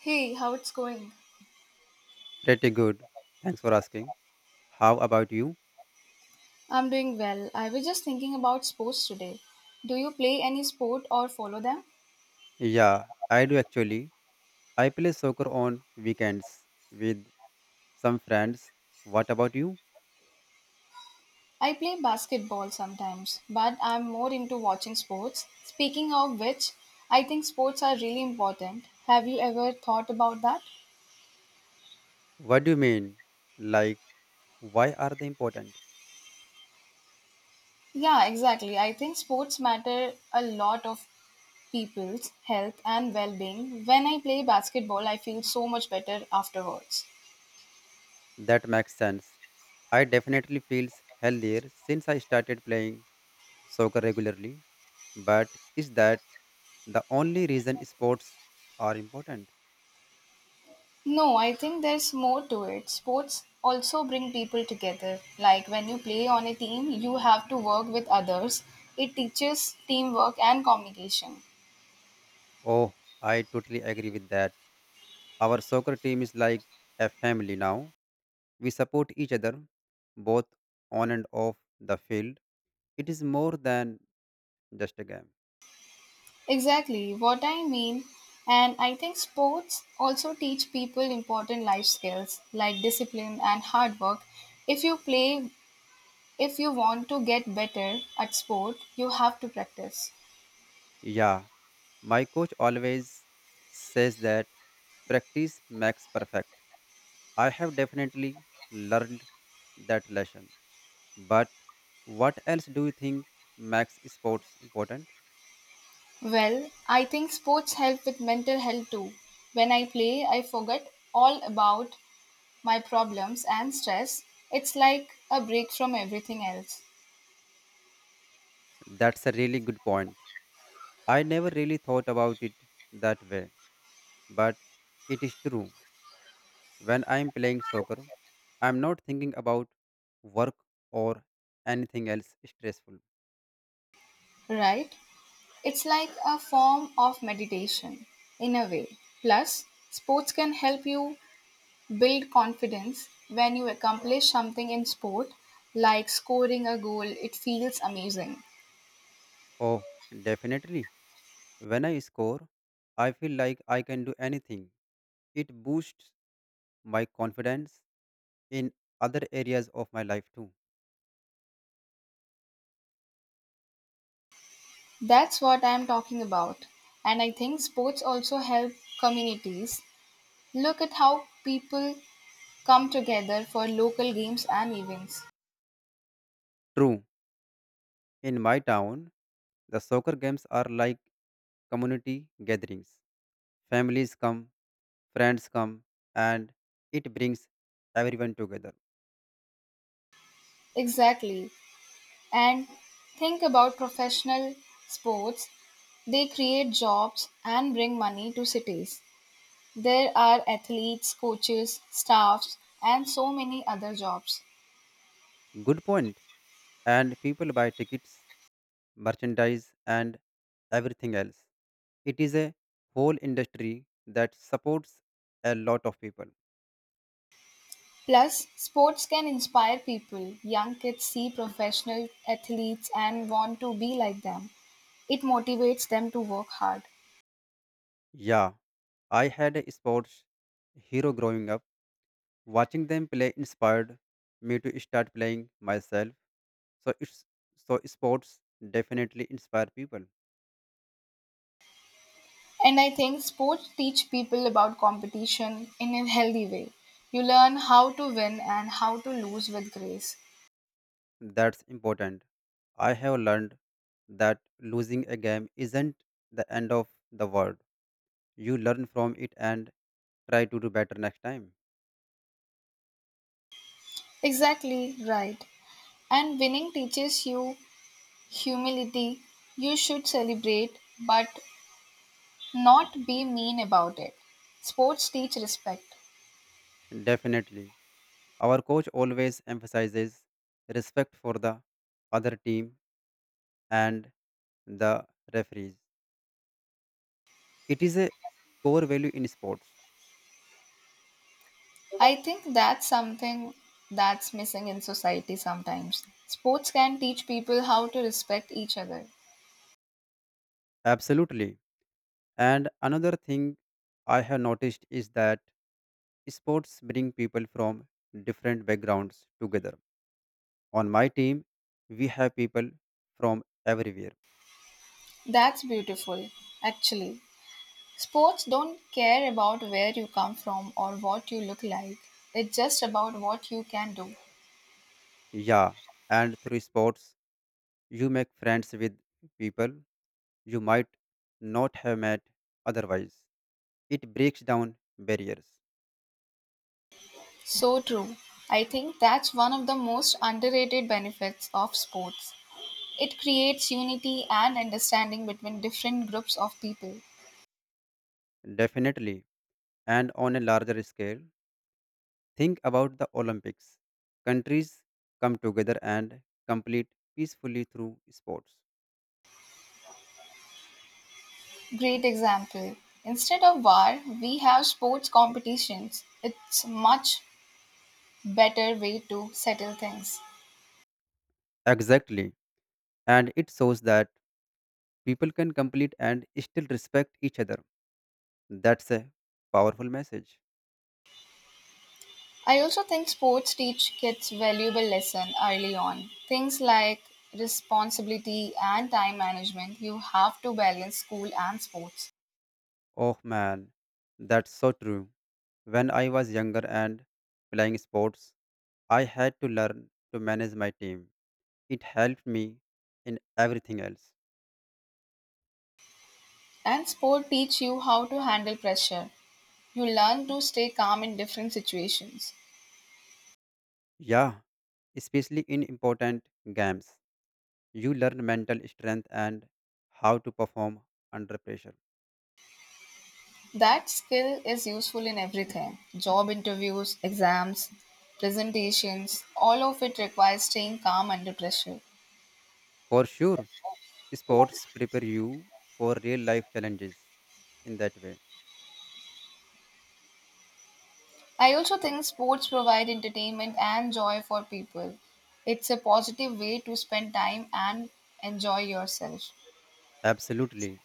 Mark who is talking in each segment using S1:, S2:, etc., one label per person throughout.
S1: Hey, how it's going?
S2: Pretty good. Thanks for asking. How about you?
S1: I'm doing well. I was just thinking about sports today. Do you play any sport or follow them?
S2: Yeah, I do actually. I play soccer on weekends with some friends. What about you?
S1: I play basketball sometimes, but I'm more into watching sports. Speaking of which, I think sports are really important. Have you ever thought about that?
S2: What do you mean? Like, why are they important?
S1: Yeah, exactly. I think sports matter a lot of people's health and well-being. When I play basketball, I feel so much better afterwards.
S2: That makes sense. I definitely feels healthier since I started playing soccer regularly. But is that the only reason sports are important?
S1: No, I think there's more to it. Sports also bring people together. Like when you play on a team, you have to work with others. It teaches teamwork and communication.
S2: Oh, I totally agree with that. Our soccer team is like a family now. We support each other, both on and off the field. It is more than just a game.
S1: Exactly what I mean. And I think sports also teach people important life skills like discipline and hard work. If you play, if you want to get better at sport, you have to practice.
S2: Yeah, my coach always says that practice makes perfect. I have definitely learned that lesson. But what else do you think makes sports important?
S1: Well, I think sports help with mental health too. When I play, I forget all about my problems and stress, it's like a break from everything else,
S2: That's a really good point. I never really thought about it that way, but it is true. When I am playing soccer, I am not thinking about work or anything else stressful.
S1: right? It's like a form of meditation in a way. Plus, sports can help you build confidence when you accomplish something in sport, like scoring a goal, it feels amazing.
S2: Oh, definitely. When I score, I feel like I can do anything. It boosts my confidence in other areas of my life too.
S1: That's what I'm talking about. And I think sports also help communities. Look at how people come together for local games and events.
S2: True. In my town, the soccer games are like community gatherings. Families come, friends come, and it brings everyone together.
S1: Exactly. And think about professional sports. They create jobs and bring money to cities. There are athletes, coaches, staffs, and so many other jobs.
S2: Good point. And people buy tickets, merchandise, and everything else. It is a whole industry that supports a lot of people.
S1: Plus, sports can inspire people. Young kids see professional athletes and want to be like them. It motivates them to work hard.
S2: Yeah, I had a sports hero growing up. Watching them play inspired me to start playing myself. so it's so sports definitely inspire people.
S1: And I think sports teach people about competition in a healthy way. You learn how to win and how to lose with grace.
S2: That's important. I have learned that losing a game isn't the end of the world. You learn from it and try to do better next time.
S1: Exactly right. And winning teaches you humility. You should celebrate, but not be mean about it. Sports teach respect.
S2: Definitely. Our coach always emphasizes respect for the other team and the referees. It is a core value in sports.
S1: I think that's something that's missing in society sometimes. Sports can teach people how to respect each other.
S2: Absolutely. And another thing I have noticed is that sports bring people from different backgrounds together. On my team, we have people from everywhere.
S1: That's beautiful, actually. Sports don't care about where you come from or what you look like, it's just about what you can do.
S2: Yeah, and through sports, you make friends with people you might not have met otherwise. It breaks down barriers.
S1: So true. I think that's one of the most underrated benefits of sports. It creates unity and understanding between different groups of people.
S2: Definitely. And on a larger scale, think about the Olympics. Countries come together and compete peacefully through sports.
S1: Great example. Instead of war, we have sports competitions. It's much better way to settle things.
S2: Exactly. And it shows that people can complete and still respect each other. That's a powerful message.
S1: I also think sports teach kids valuable lesson early on. Things like responsibility and time management. You have to balance school and sports.
S2: Oh man, that's so true. When I was younger and playing sports, I had to learn to manage my team. It helped me in everything else.
S1: And sport teach you how to handle pressure. You learn to stay calm in different situations.
S2: Yeah, especially in important games. You learn mental strength and how to perform under pressure.
S1: That skill is useful in everything. Job interviews, exams, presentations, all of it requires staying calm under pressure.
S2: For sure, sports prepare you for real life challenges in that way.
S1: I also think sports provide entertainment and joy for people. It's a positive way to spend time and enjoy yourself.
S2: Absolutely.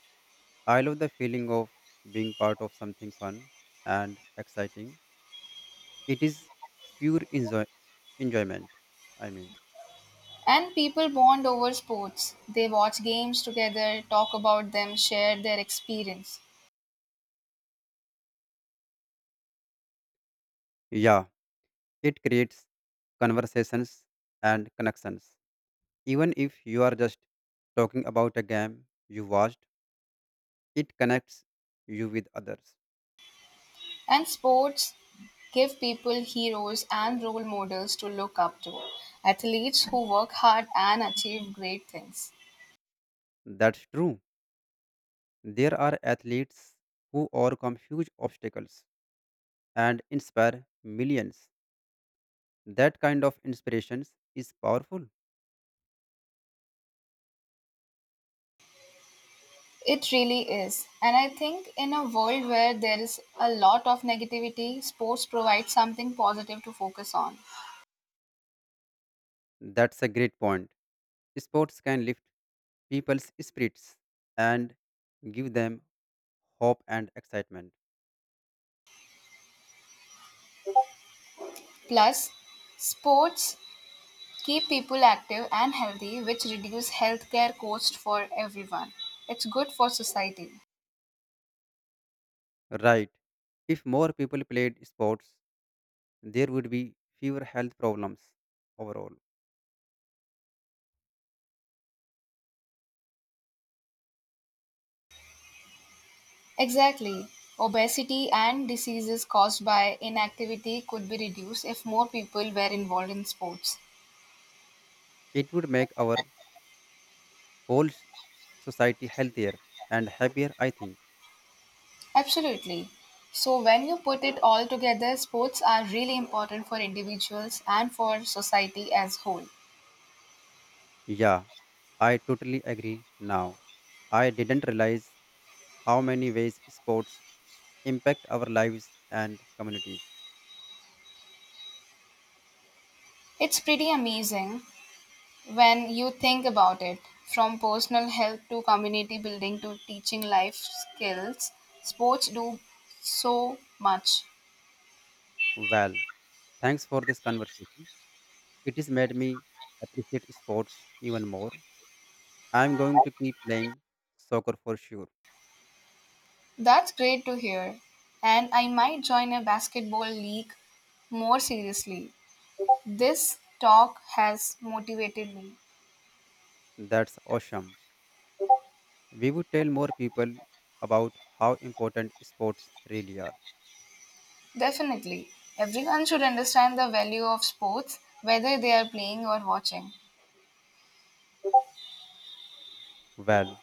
S2: I love the feeling of being part of something fun and exciting. It is pure enjoyment. I mean,
S1: And people bond over sports. They watch games together, talk about them, share their experience.
S2: yeah, it creates conversations and connections. Even if you are just talking about a game you watched, it connects you with others.
S1: And sports give people heroes and role models to look up to, athletes who work hard and achieve great things.
S2: That's true. There are athletes who overcome huge obstacles and inspire millions. That kind of inspirations is powerful.
S1: It really is. And I think in a world where there is a lot of negativity, sports provides something positive to focus on.
S2: That's a great point. Sports can lift people's spirits and give them hope and excitement.
S1: Plus, sports keep people active and healthy, which reduce healthcare costs for everyone. It's good for society.
S2: Right. If more people played sports, there would be fewer health problems overall.
S1: Exactly. Obesity and diseases caused by inactivity could be reduced if more people were involved in sports.
S2: It would make our whole s- society healthier and happier, I think.
S1: Absolutely. So, when you put it all together, sports are really important for individuals and for society as whole.
S2: Yeah, I totally agree now. I didn't realize how many ways sports impact our lives and communities.
S1: It's pretty amazing when you think about it. From personal health to community building to teaching life skills, sports do so much.
S2: Well, thanks for this conversation. It has made me appreciate sports even more. I'm going to keep playing soccer for sure.
S1: That's great to hear. And I might join a basketball league more seriously. This talk has motivated me.
S2: That's awesome. We would tell more people about how important sports really are.
S1: Definitely. Everyone should understand the value of sports, whether they are playing or watching.
S2: Well,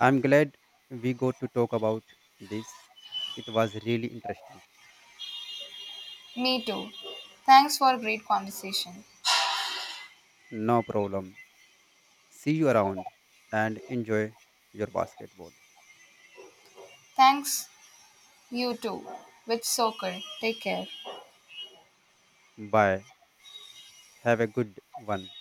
S2: I'm glad we got to talk about this. It was really interesting.
S1: Me too. Thanks for a great conversation.
S2: No problem. See you around and enjoy your basketball.
S1: Thanks, you too. With soccer. Take care.
S2: Bye. Have a good one.